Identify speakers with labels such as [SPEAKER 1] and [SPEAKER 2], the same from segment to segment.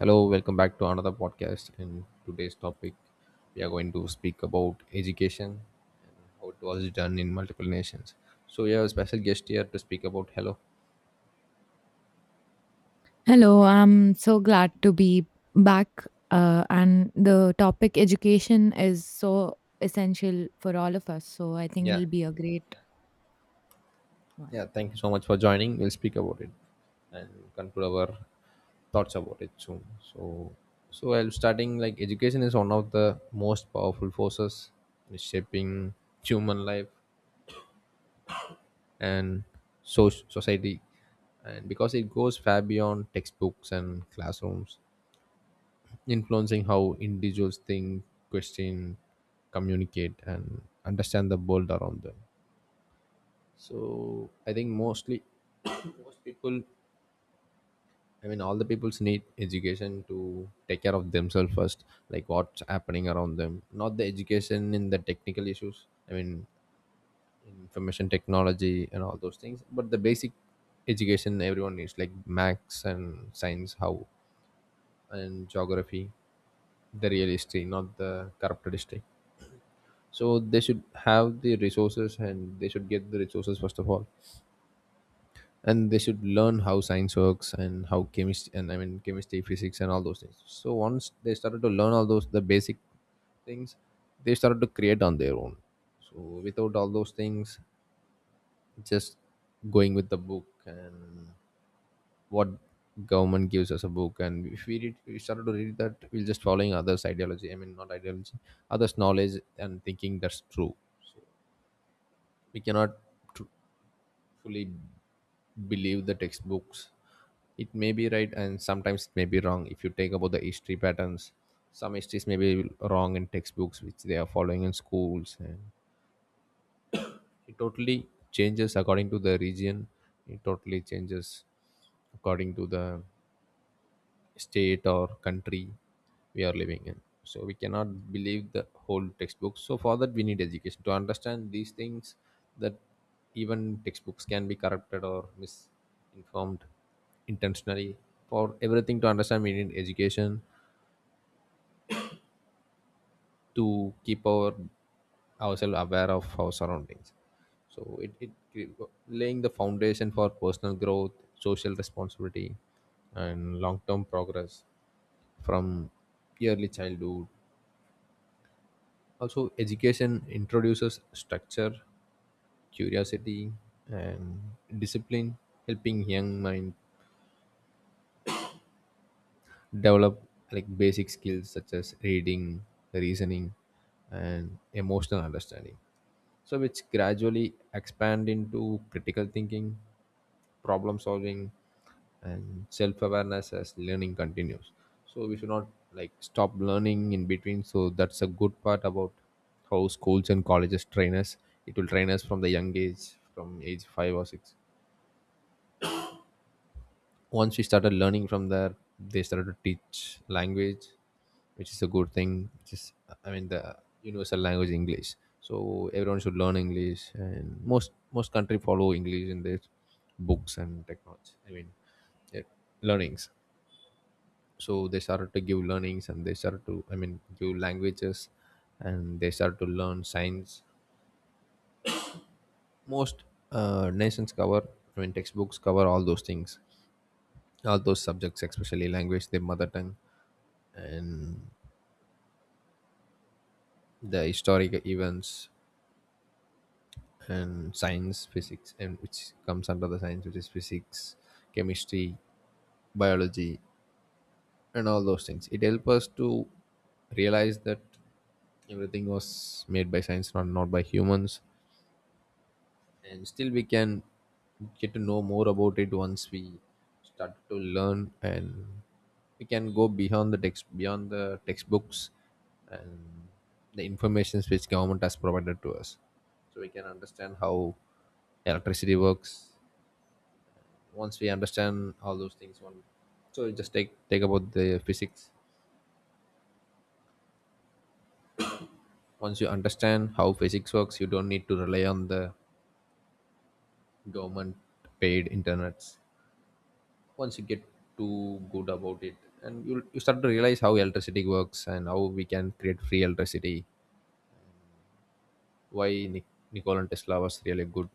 [SPEAKER 1] Hello, welcome back to another podcast. And today's topic, we are going to speak about education and how it was done in multiple nations. So, we have a special guest here to speak about. Hello.
[SPEAKER 2] Hello, I'm so glad to be back. And the topic education is so essential for all of us. So I think
[SPEAKER 1] Yeah.
[SPEAKER 2] it'll be a great one.
[SPEAKER 1] Yeah, thank you so much for joining. We'll speak about it and conclude our thoughts about it soon. So, so I'm starting like education is one of the most powerful forces in shaping human life and society, and because it goes far beyond textbooks and classrooms, influencing how individuals think, question, communicate, and understand the world around them. So I think mostly most people, I mean all the peoples need education to take care of themselves first, like what's happening around them, not the education in the technical issues, I mean information technology and all those things, but the basic education everyone needs, like max and science, how, and geography, the real history, not the corrupted history. So they should have the resources and they should get the resources first of all, and they should learn how science works and how chemistry, and I mean chemistry, physics, and all those things. So once they started to learn all those the basic things, they started to create on their own. So without all those things, just going with the book and what government gives us a book, and if we read, we started to read that, we'll just following others ideology, I mean not ideology, others knowledge and thinking that's true. We cannot tr- fully believe the textbooks. It may be right and sometimes it may be wrong. If you take about the history patterns, some histories may be wrong in textbooks which they are following in schools, and it totally changes according to the region. It totally changes according to the state or country we are living in. So we cannot believe the whole textbook, so for that we need education to understand these things, that even textbooks can be corrupted or misinformed intentionally. For everything to understand, we need education to keep our ourselves aware of our surroundings. So laying the foundation for personal growth, social responsibility, and long-term progress. From early childhood, also education introduces structure, curiosity, and discipline, helping young mind develop like basic skills such as reading, reasoning, and emotional understanding. So, which gradually expand into critical thinking, problem solving, and self awareness as learning continues. So, we should not like stop learning in between. So, that's a good part about how schools and colleges train us. It will train us from the young age, from age five or six. Once we started learning from there, they started to teach language, which is a good thing, which is I mean the universal language english. So everyone should learn english, and most country follow english in their books and technology, I mean their learnings. So they started to give learnings and they started to I mean give languages, and they started to learn science. Most nations cover, I mean textbooks cover all those things, all those subjects, especially language, their mother tongue, and the historical events, and science, physics, and which comes under the science, which is physics, chemistry, biology, and all those things. It helps us to realize that everything was made by science, not by humans. And still we can get to know more about it once we start to learn, and we can go beyond the text, beyond the textbooks and the informations which government has provided to us. So we can understand how electricity works. Once we understand all those things, one, so you just take about the physics. Once you understand how physics works, you don't need to rely on the government paid internets. Once you get too good about it and you start to realize how electricity works and how we can create free electricity. Why nikola tesla was really a good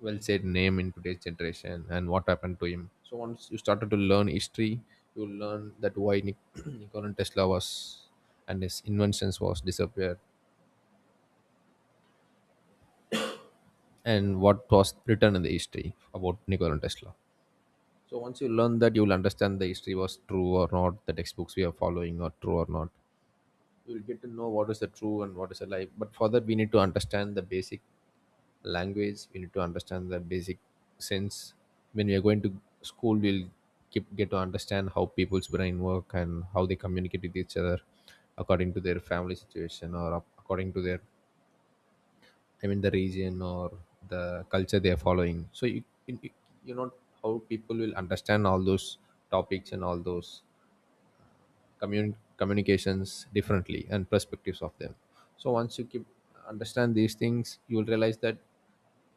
[SPEAKER 1] well said name in today's generation and what happened to him. So once you started to learn history, you learn that why nikola tesla was and his inventions was disappeared, and what was written in the history about nikola tesla. So once you learn that, you will understand the history was true or not, the textbooks we are following are true or not. We'll get to know what is the true and what is a lie. But for that, we need to understand the basic language. We need to understand the basic sense. When we are going to school, we'll keep, get to understand how people's brain work and how they communicate with each other according to their family situation or according to their, I mean, the region or the culture they are following. So you know how people will understand all those topics and all those communications differently, and perspectives of them. So once you keep understand these things, you will realize that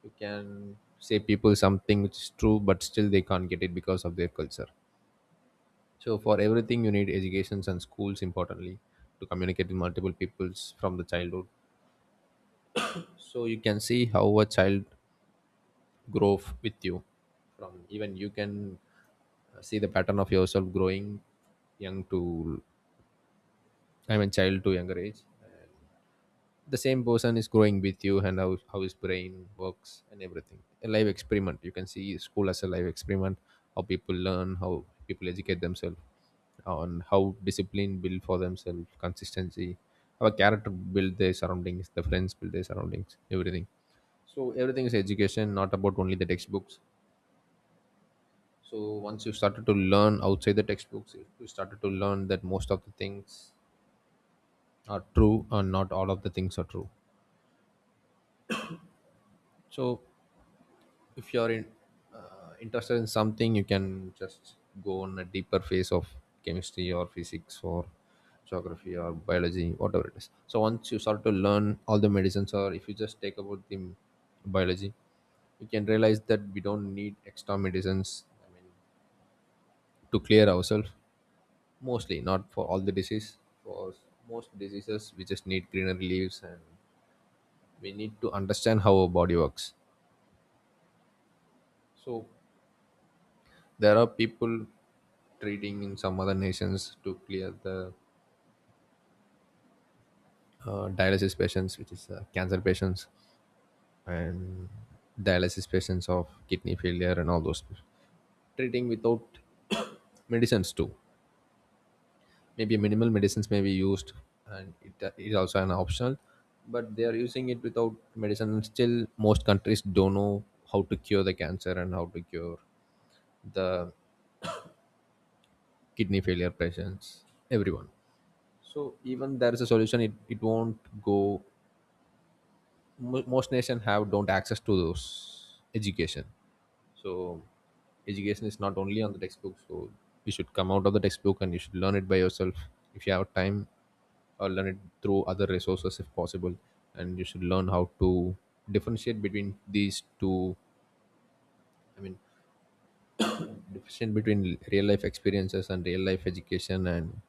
[SPEAKER 1] you can say people something which is true, but still they can't get it because of their culture. So for everything you need educations and schools importantly, to communicate with multiple peoples from the childhood. So you can see how a child grows with you. From even you can see the pattern of yourself growing young to I mean child to younger age, the same person is growing with you, and how his brain works, and everything a live experiment. You can see school as a live experiment, how people learn, how people educate themselves on, how discipline build for themselves, consistency, how a character build their surroundings, the friends build their surroundings, everything. So everything is education, not about only the textbooks. So once you started to learn outside the textbooks, you started to learn that most of the things are true, and not all of the things are true. So if you're interested in something, you can just go on a deeper phase of chemistry or physics or geography or biology, whatever it is. So once you start to learn all the medicines, or if you just take about the biology, you can realize that we don't need extra medicines, I mean to clear ourselves, mostly not for all the disease. For most diseases we just need greenery leaves, and we need to understand how our body works. So there are people treating in some other nations to clear the dialysis patients, which is cancer patients, and dialysis patients of kidney failure and all those. Treating without medicines too. Maybe minimal medicines may be used, and it is also an optional. But they are using it without medicine, and still most countries don't know how to cure the cancer and how to cure the kidney failure patients. Everyone. So even there is a solution, it won't go. Most nation have don't access to those education. So education is not only on the textbook. So you should come out of the textbook and you should learn it by yourself. If you have time, or learn it through other resources if possible. And you should learn how to differentiate between these two. I mean, differentiate between real life experiences and real life education and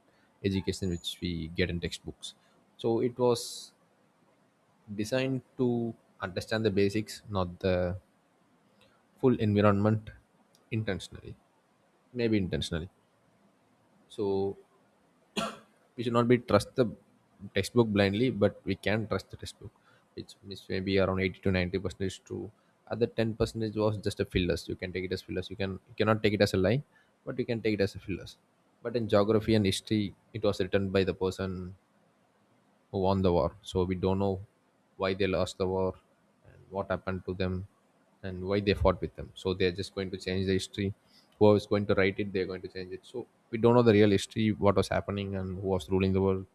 [SPEAKER 1] education which we get in textbooks. So it was designed to understand the basics, not the full environment, intentionally, maybe intentionally. So we should not be trust the textbook blindly, but we can trust the textbook which is maybe around 80 to 90 percentage true. Other 10 percentage was just a fillers. You can take it as fillers. You can you cannot take it as a lie, but you can take it as a fillers. But in geography and history, it was written by the person who won the war. So we don't know why they lost the war and what happened to them and why they fought with them. So they're just going to change the history. Whoever's going to write it, they're going to change it. So we don't know the real history, what was happening and who was ruling the world.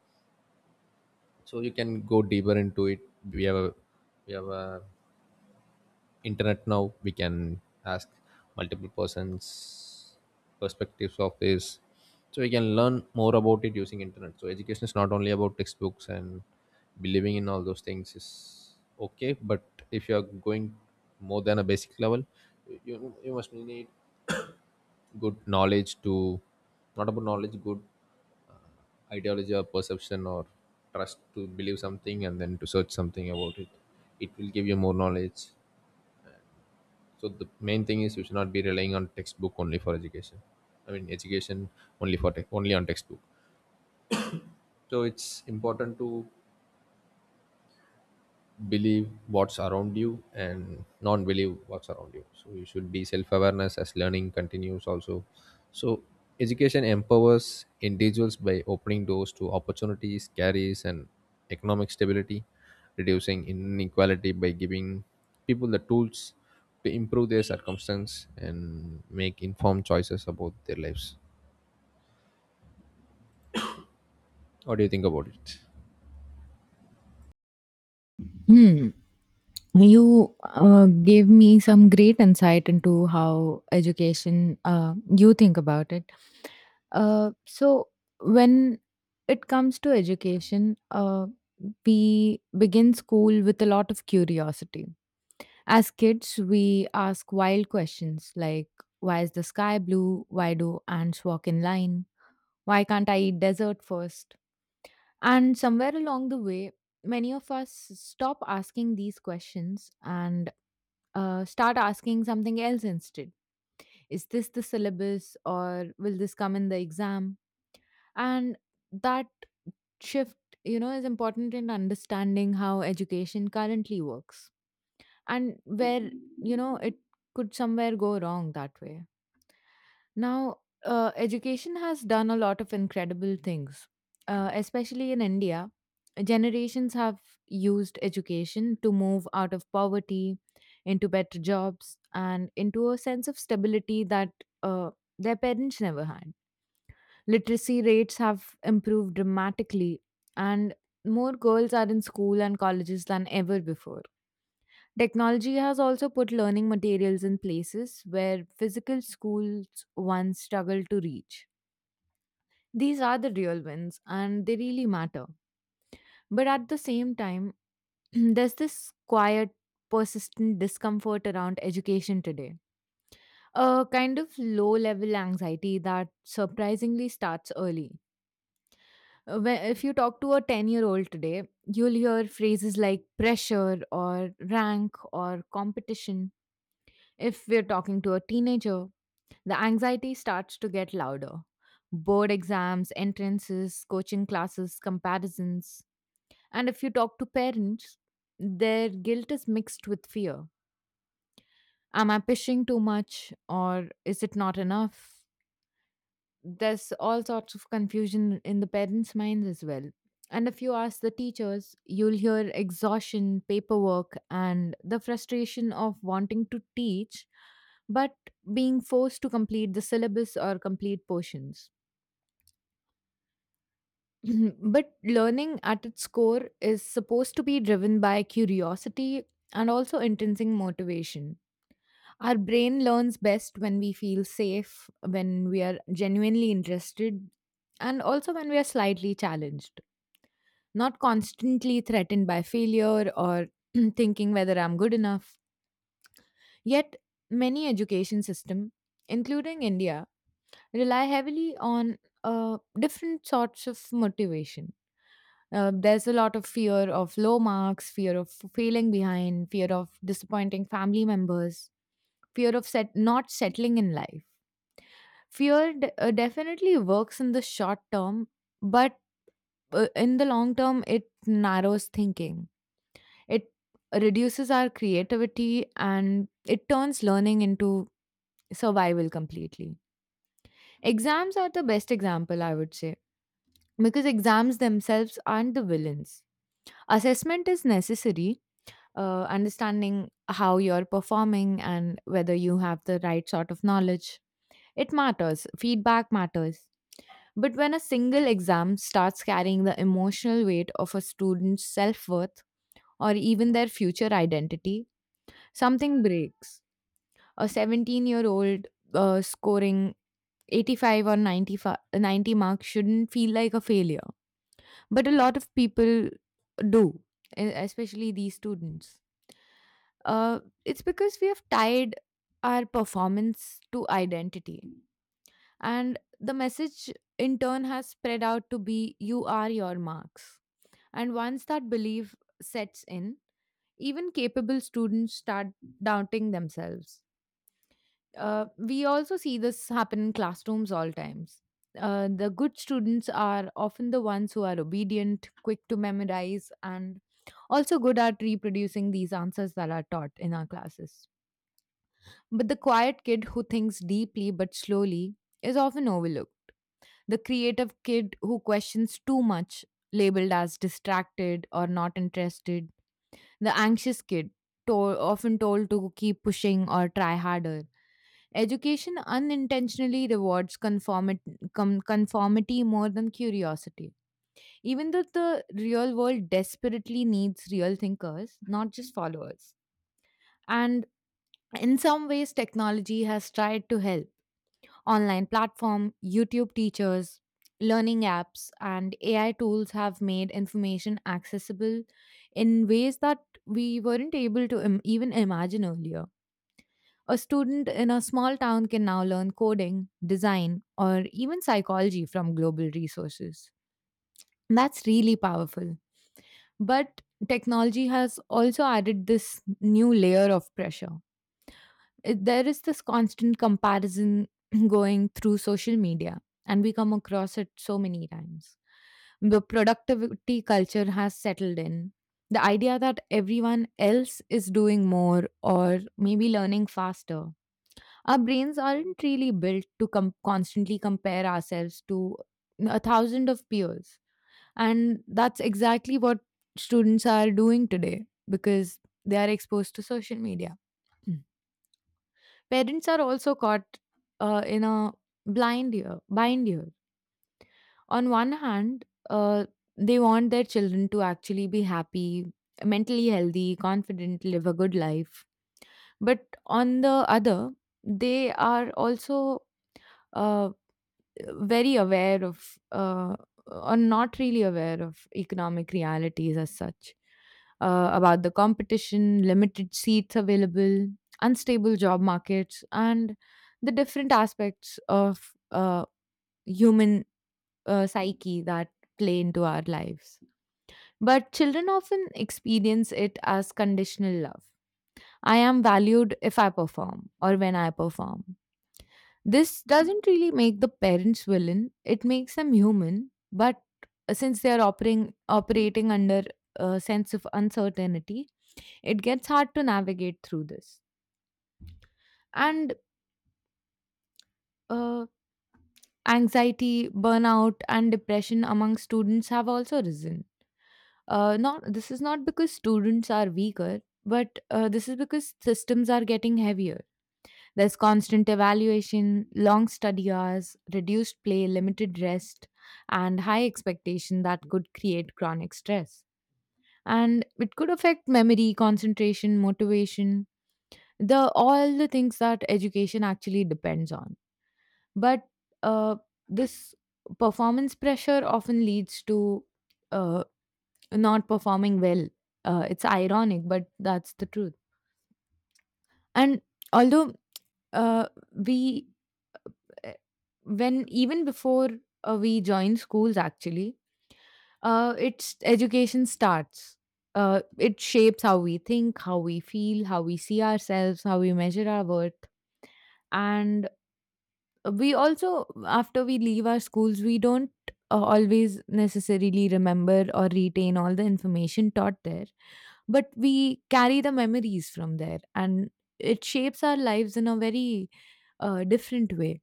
[SPEAKER 1] So you can go deeper into it. We have a we have a internet now. We can ask multiple persons perspectives of this. So we can learn more about it using internet. So education is not only about textbooks, and believing in all those things is okay. But if you are going more than a basic level, you must need good knowledge to, not about knowledge, good ideology or perception or trust to believe something and then to search something about it. It will give you more knowledge. So the main thing is we should not be relying on textbook only for education. I mean education, only for tech, only on textbook. So it's important to believe what's around you and not believe what's around you, so you should be self-awareness as learning continues also. So education empowers individuals by opening doors to opportunities, careers, and economic stability, reducing inequality by giving people the tools to improve their circumstance and make informed choices about their lives. What do you think about it?
[SPEAKER 2] Hmm. You gave me some great insight into how education, you think about it. So when it comes to education, we begin school with a lot of curiosity. As kids, we ask wild questions like, why is the sky blue? Why do ants walk in line? Why can't I eat dessert first? And somewhere along the way, many of us stop asking these questions and start asking something else instead. Is this the syllabus or will this come in the exam? And that shift, you know, is important in understanding how education currently works, and where, you know, it could somewhere go wrong that way. Now, education has done a lot of incredible things, especially in india. Generations have used education to move out of poverty, into better jobs and into a sense of stability that uh, their parents never had. Literacy rates have improved dramatically, and more girls are in school and colleges than ever before. Technology has also put learning materials in places where physical schools once struggled to reach. These are the real wins and they really matter. But at the same time, there's this quiet, persistent discomfort around education today. A kind of low level anxiety that surprisingly starts early. If you talk to a 10-year-old today, you'll hear phrases like pressure or rank or competition. If we're talking to a teenager, the anxiety starts to get louder. Board exams, entrances, coaching classes, comparisons. And if you talk to parents, their guilt is mixed with fear. Am I pushing too much or is it not enough? There's all sorts of confusion in the parents' minds as well. And if you ask the teachers, you'll hear exhaustion, paperwork, and the frustration of wanting to teach, but being forced to complete the syllabus or complete portions. Mhm. But learning at its core is supposed to be driven by curiosity and also intrinsic motivation. Our brain learns best when we feel safe, when we are genuinely interested, and also when we are slightly challenged, not constantly threatened by failure or thinking whether I'm good enough. Yet, many education systems, including India, rely heavily on different sorts of motivation. There's a lot of fear of low marks, fear of failing behind, fear of disappointing family members, not settling in life. Fear definitely works in the short term, but in the long term, it narrows thinking. It reduces our creativity and it turns learning into survival completely. Exams are the best example, I would say, because exams themselves aren't the villains. Assessment is necessary, understanding how you're performing and whether you have the right sort of knowledge. It matters, feedback matters. But when a single exam starts carrying the emotional weight of a student's self worth or even their future identity, something breaks. A 17-year-old scoring 85 or 95, 90 marks shouldn't feel like a failure. But a lot of people do, especially these students. It's because we have tied our performance to identity. And the message in turn has spread out to be, you are your marks. And once that belief sets in, even capable students start doubting themselves. We also see this happen in classrooms all times. The good students are often the ones who are obedient, quick to memorize, and also good at reproducing these answers that are taught in our classes. But the quiet kid who thinks deeply but slowly is often overlooked. The creative kid who questions too much, labeled as distracted or not interested. The anxious kid, often told to keep pushing or try harder. Education unintentionally rewards conformity more than curiosity. Even though the real world desperately needs real thinkers, not just followers. And in some ways, technology has tried to help. Online platform, YouTube teachers, learning apps, and AI tools have made information accessible in ways that we weren't able to even imagine earlier. A student in a small town can now learn coding, design, or even psychology from global resources. That's really powerful. But technology has also added this new layer of pressure. There is this constant comparison going through social media, and we come across it so many times. The productivity culture has settled in, the idea that everyone else is doing more or maybe learning faster. Our brains aren't really built to constantly compare ourselves to a thousand of peers, and that's exactly what students are doing today, because they are exposed to social media. Parents are also caught in a bind year. On one hand, they want their children to actually be happy, mentally healthy, confident, live a good life. But on the other, they are also, uh, very aware of, or not really aware of economic realities as such, about the competition, limited seats available, unstable job markets, and the different aspects of human psyche that play into our lives. But children often experience it as conditional love. I am valued if I perform or when I perform. This doesn't really make the parents villain, it makes them human, but since they are operating under a sense of uncertainty, it gets hard to navigate through this. And uh, anxiety, burnout, and depression among students have also risen. Not This is not because students are weaker, but this is because systems are getting heavier. There's constant evaluation, long study hours, reduced play, limited rest, and high expectation that could create chronic stress. And it could affect memory, concentration, motivation, the all the things that education actually depends on. But uh, this performance pressure often leads to uh, not performing well. It's ironic, but that's the truth. And although, uh, we eh, when even before we join schools, actually it's education starts. It shapes how we think, how we feel, how we see ourselves, how we measure our worth. And we also, after we leave our schools, we don't always necessarily remember or retain all the information taught there, but we carry the memories from there, and it shapes our lives in a very different way.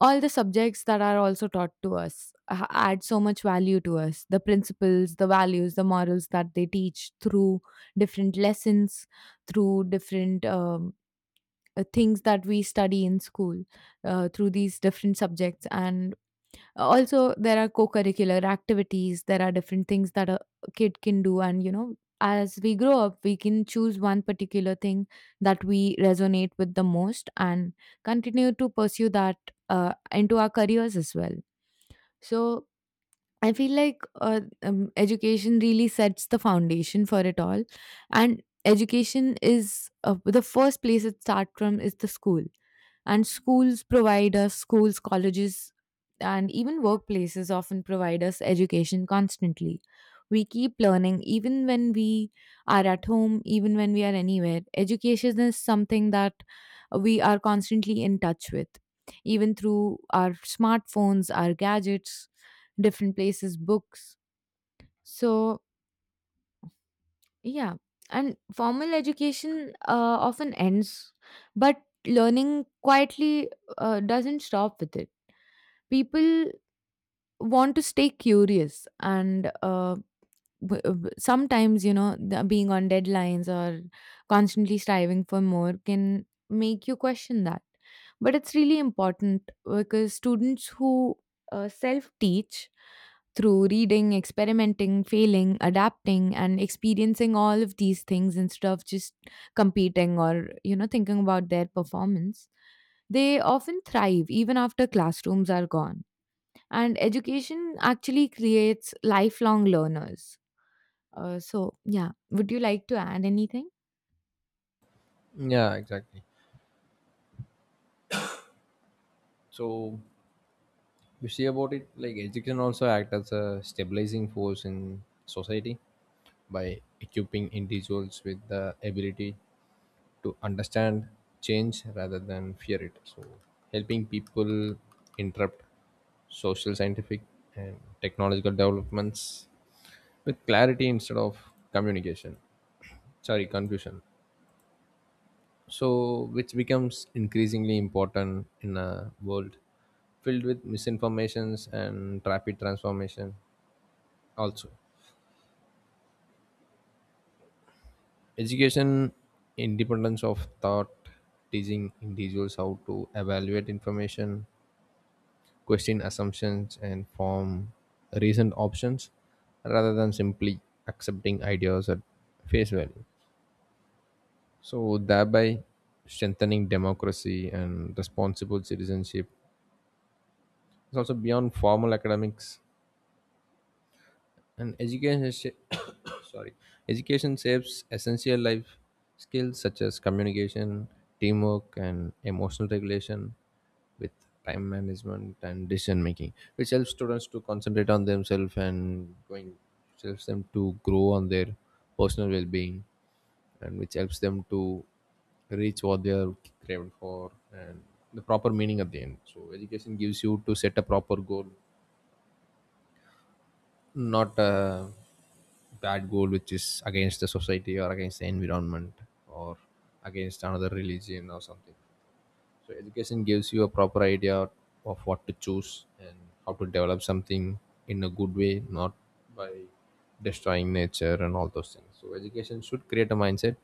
[SPEAKER 2] All the subjects that are also taught to us add so much value to us, the principles, the values, the morals that they teach through different lessons, through different things that we study in school, through these different subjects. And also there are co-curricular activities, there are different things that a kid can do, and you know, as we grow up we can choose one particular thing that we resonate with the most and continue to pursue that into our careers as well. So I feel like, education really sets the foundation for it all. And education is, the first place it starts from is the school. And schools provide us, schools, colleges, and even workplaces often provide us education constantly. We keep learning even when we are at home, even when we are anywhere. Education is something that we are constantly in touch with, even through our smartphones, our gadgets, different places, books. So, yeah. And formal education often ends, but learning quietly, doesn't stop with it. People want to stay curious, and sometimes, you know, being on deadlines or constantly striving for more can make you question that, but it's really important because students who self teach through reading, experimenting, failing, adapting and experiencing all of these things, instead of just competing or, you know, thinking about their performance, they often thrive even after classrooms are gone, and education actually creates lifelong learners. So, yeah, would you like to add anything?
[SPEAKER 1] Yeah, exactly. So you see about it, like education also act as a stabilizing force in society by equipping individuals with the ability to understand change rather than fear it. So helping people interrupt social, scientific, and technological developments with clarity instead of communication, sorry, confusion. So which becomes increasingly important in a world filled with misinformations and rapid transformation. Also, education independence of thought, teaching individuals how to evaluate information, question assumptions, and form recent options rather than simply accepting ideas at face value, so thereby strengthening democracy and responsible citizenship is also beyond formal academics. And education sh- sorry education shapes essential life skills such as communication, teamwork, and emotional regulation with time management and decision making, which helps students to concentrate on themselves and going, helps them to grow on their personal well-being, and which helps them to reach what they are craving for and the proper meaning at the end. So education gives you to set a proper goal, not a bad goal which is against the society or against the environment, or against another religion or something. So education gives you a proper idea of what to choose and how to develop something in a good way, not by destroying nature and all those things. So education should create a mindset,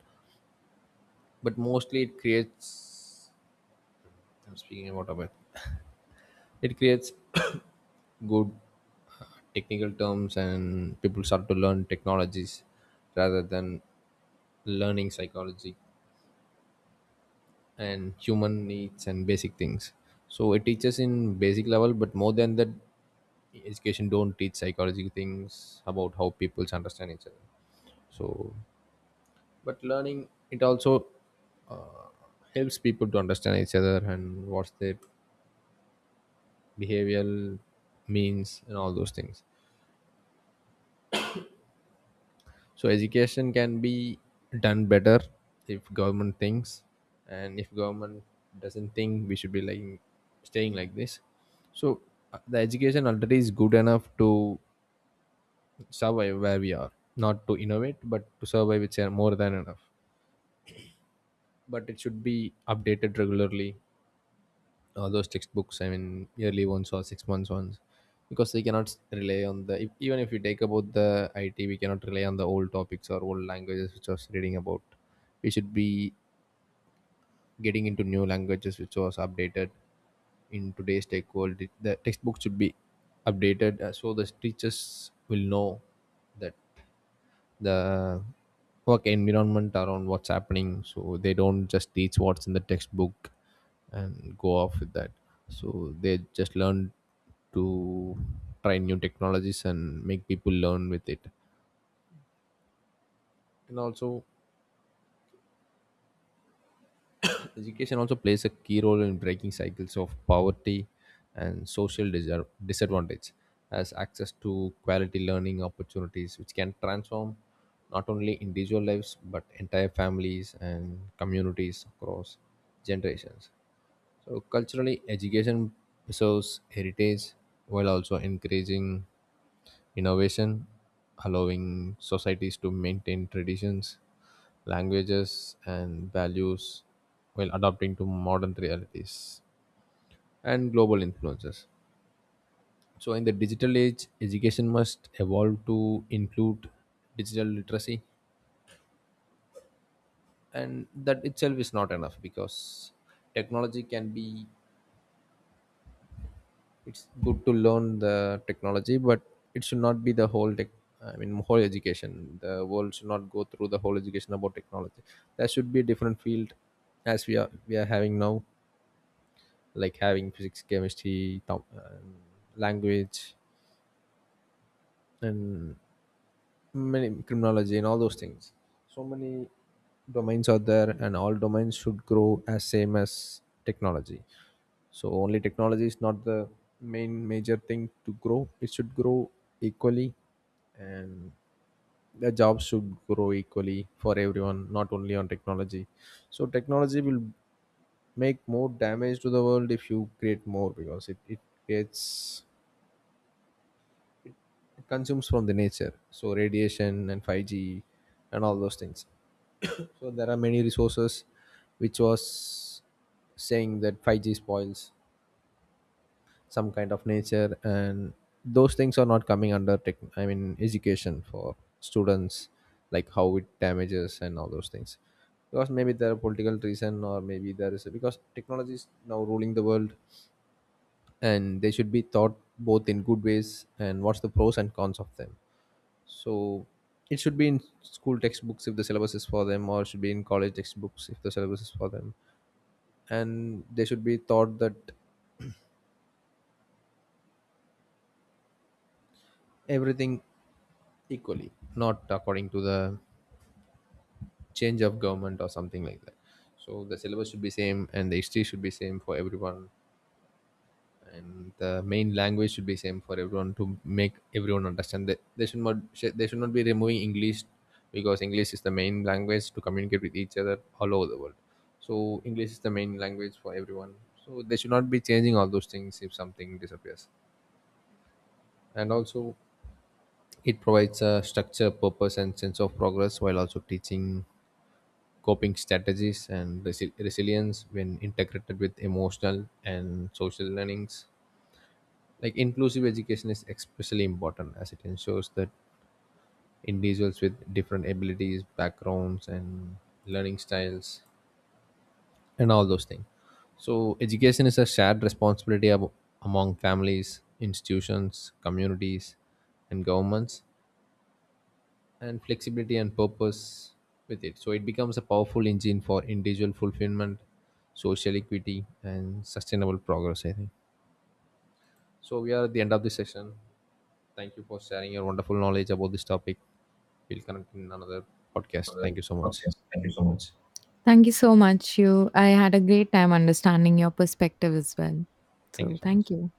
[SPEAKER 1] but mostly it creates, I'm speaking about a bit. It creates good technical terms, and people start to learn technologies rather than learning psychology and human needs and basic things. So it teaches in basic level, but more than that, education don't teach psychology things about how people understand each other. So but learning it also helps people to understand each other and what's their behavioral means and all those things. So education can be done better if government thinks, and if government doesn't think, we should be like staying like this. So the education already is good enough to survive where we are, not to innovate, but to survive, it's more than enough, but it should be updated regularly. Those textbooks, I mean yearly ones or six months ones, because they cannot rely on the if, even if we take about the it, we cannot rely on the old topics or old languages which was reading about. We should be getting into new languages which was updated. In today's tech world the textbook should be updated, so the teachers will know that the work environment around what's happening, so they don't just teach what's in the textbook and go off with that. So they just learn to try new technologies and make people learn with it. And also, education also plays a key role in breaking cycles of poverty and disadvantage, as access to quality learning opportunities, which can transform not only individual lives but entire families and communities across generations. So, culturally, education preserves heritage while also encouraging innovation, allowing societies to maintain traditions, languages, and values while adapting to modern realities and global influences. So, in the digital age, education must evolve to include digital literacy, and that itself is not enough because technology can be, it's good to learn the technology, but it should not be the whole tech. I mean, whole education. The world should not go through the whole education about technology. There should be a different field, as we are having now, like having physics, chemistry, language, and many criminology and all those things. So many domains are there, and all domains should grow as same as technology. So only technology is not the main major thing to grow. It should grow equally, and the jobs should grow equally for everyone, not only on technology. So technology will make more damage to the world if you create more, because it gets, it consumes from the nature, so radiation and 5G and all those things. So there are many resources which was saying that 5G spoils some kind of nature, and those things are not coming under tech, I mean education for students, like how it damages and all those things, because maybe there are political reason or maybe because technology is now ruling the world, and they should be thought both in good ways and what's the pros and cons of them. So it should be in school textbooks if the syllabus is for them, or it should be in college textbooks if the syllabus is for them. And they should be taught that everything equally, not according to the change of government or something like that. So the syllabus should be same and the history should be same for everyone, and the main language should be same for everyone to make everyone understand that they should not be removing english, because english is the main language to communicate with each other all over the world. So english is the main language for everyone. So they should not be changing all those things if something disappears. And also, it provides a structure, purpose, and sense of progress, while also teaching coping strategies and resilience when integrated with emotional and social learnings. Like inclusive education is especially important as it ensures that individuals with different abilities, backgrounds, and learning styles and all those things. So education is a shared responsibility among families, institutions, communities, and governments, and flexibility and purpose with it, so it becomes a powerful engine for individual fulfillment, social equity, and sustainable progress, I think. So we are at the end of this session. Thank you for sharing your wonderful knowledge about this topic. We'll connect in another podcast. Thank you so much.
[SPEAKER 2] Thank you so much. You, I had a great time understanding your perspective as well.
[SPEAKER 1] Thank you
[SPEAKER 2] So,
[SPEAKER 1] so much.
[SPEAKER 2] thank you.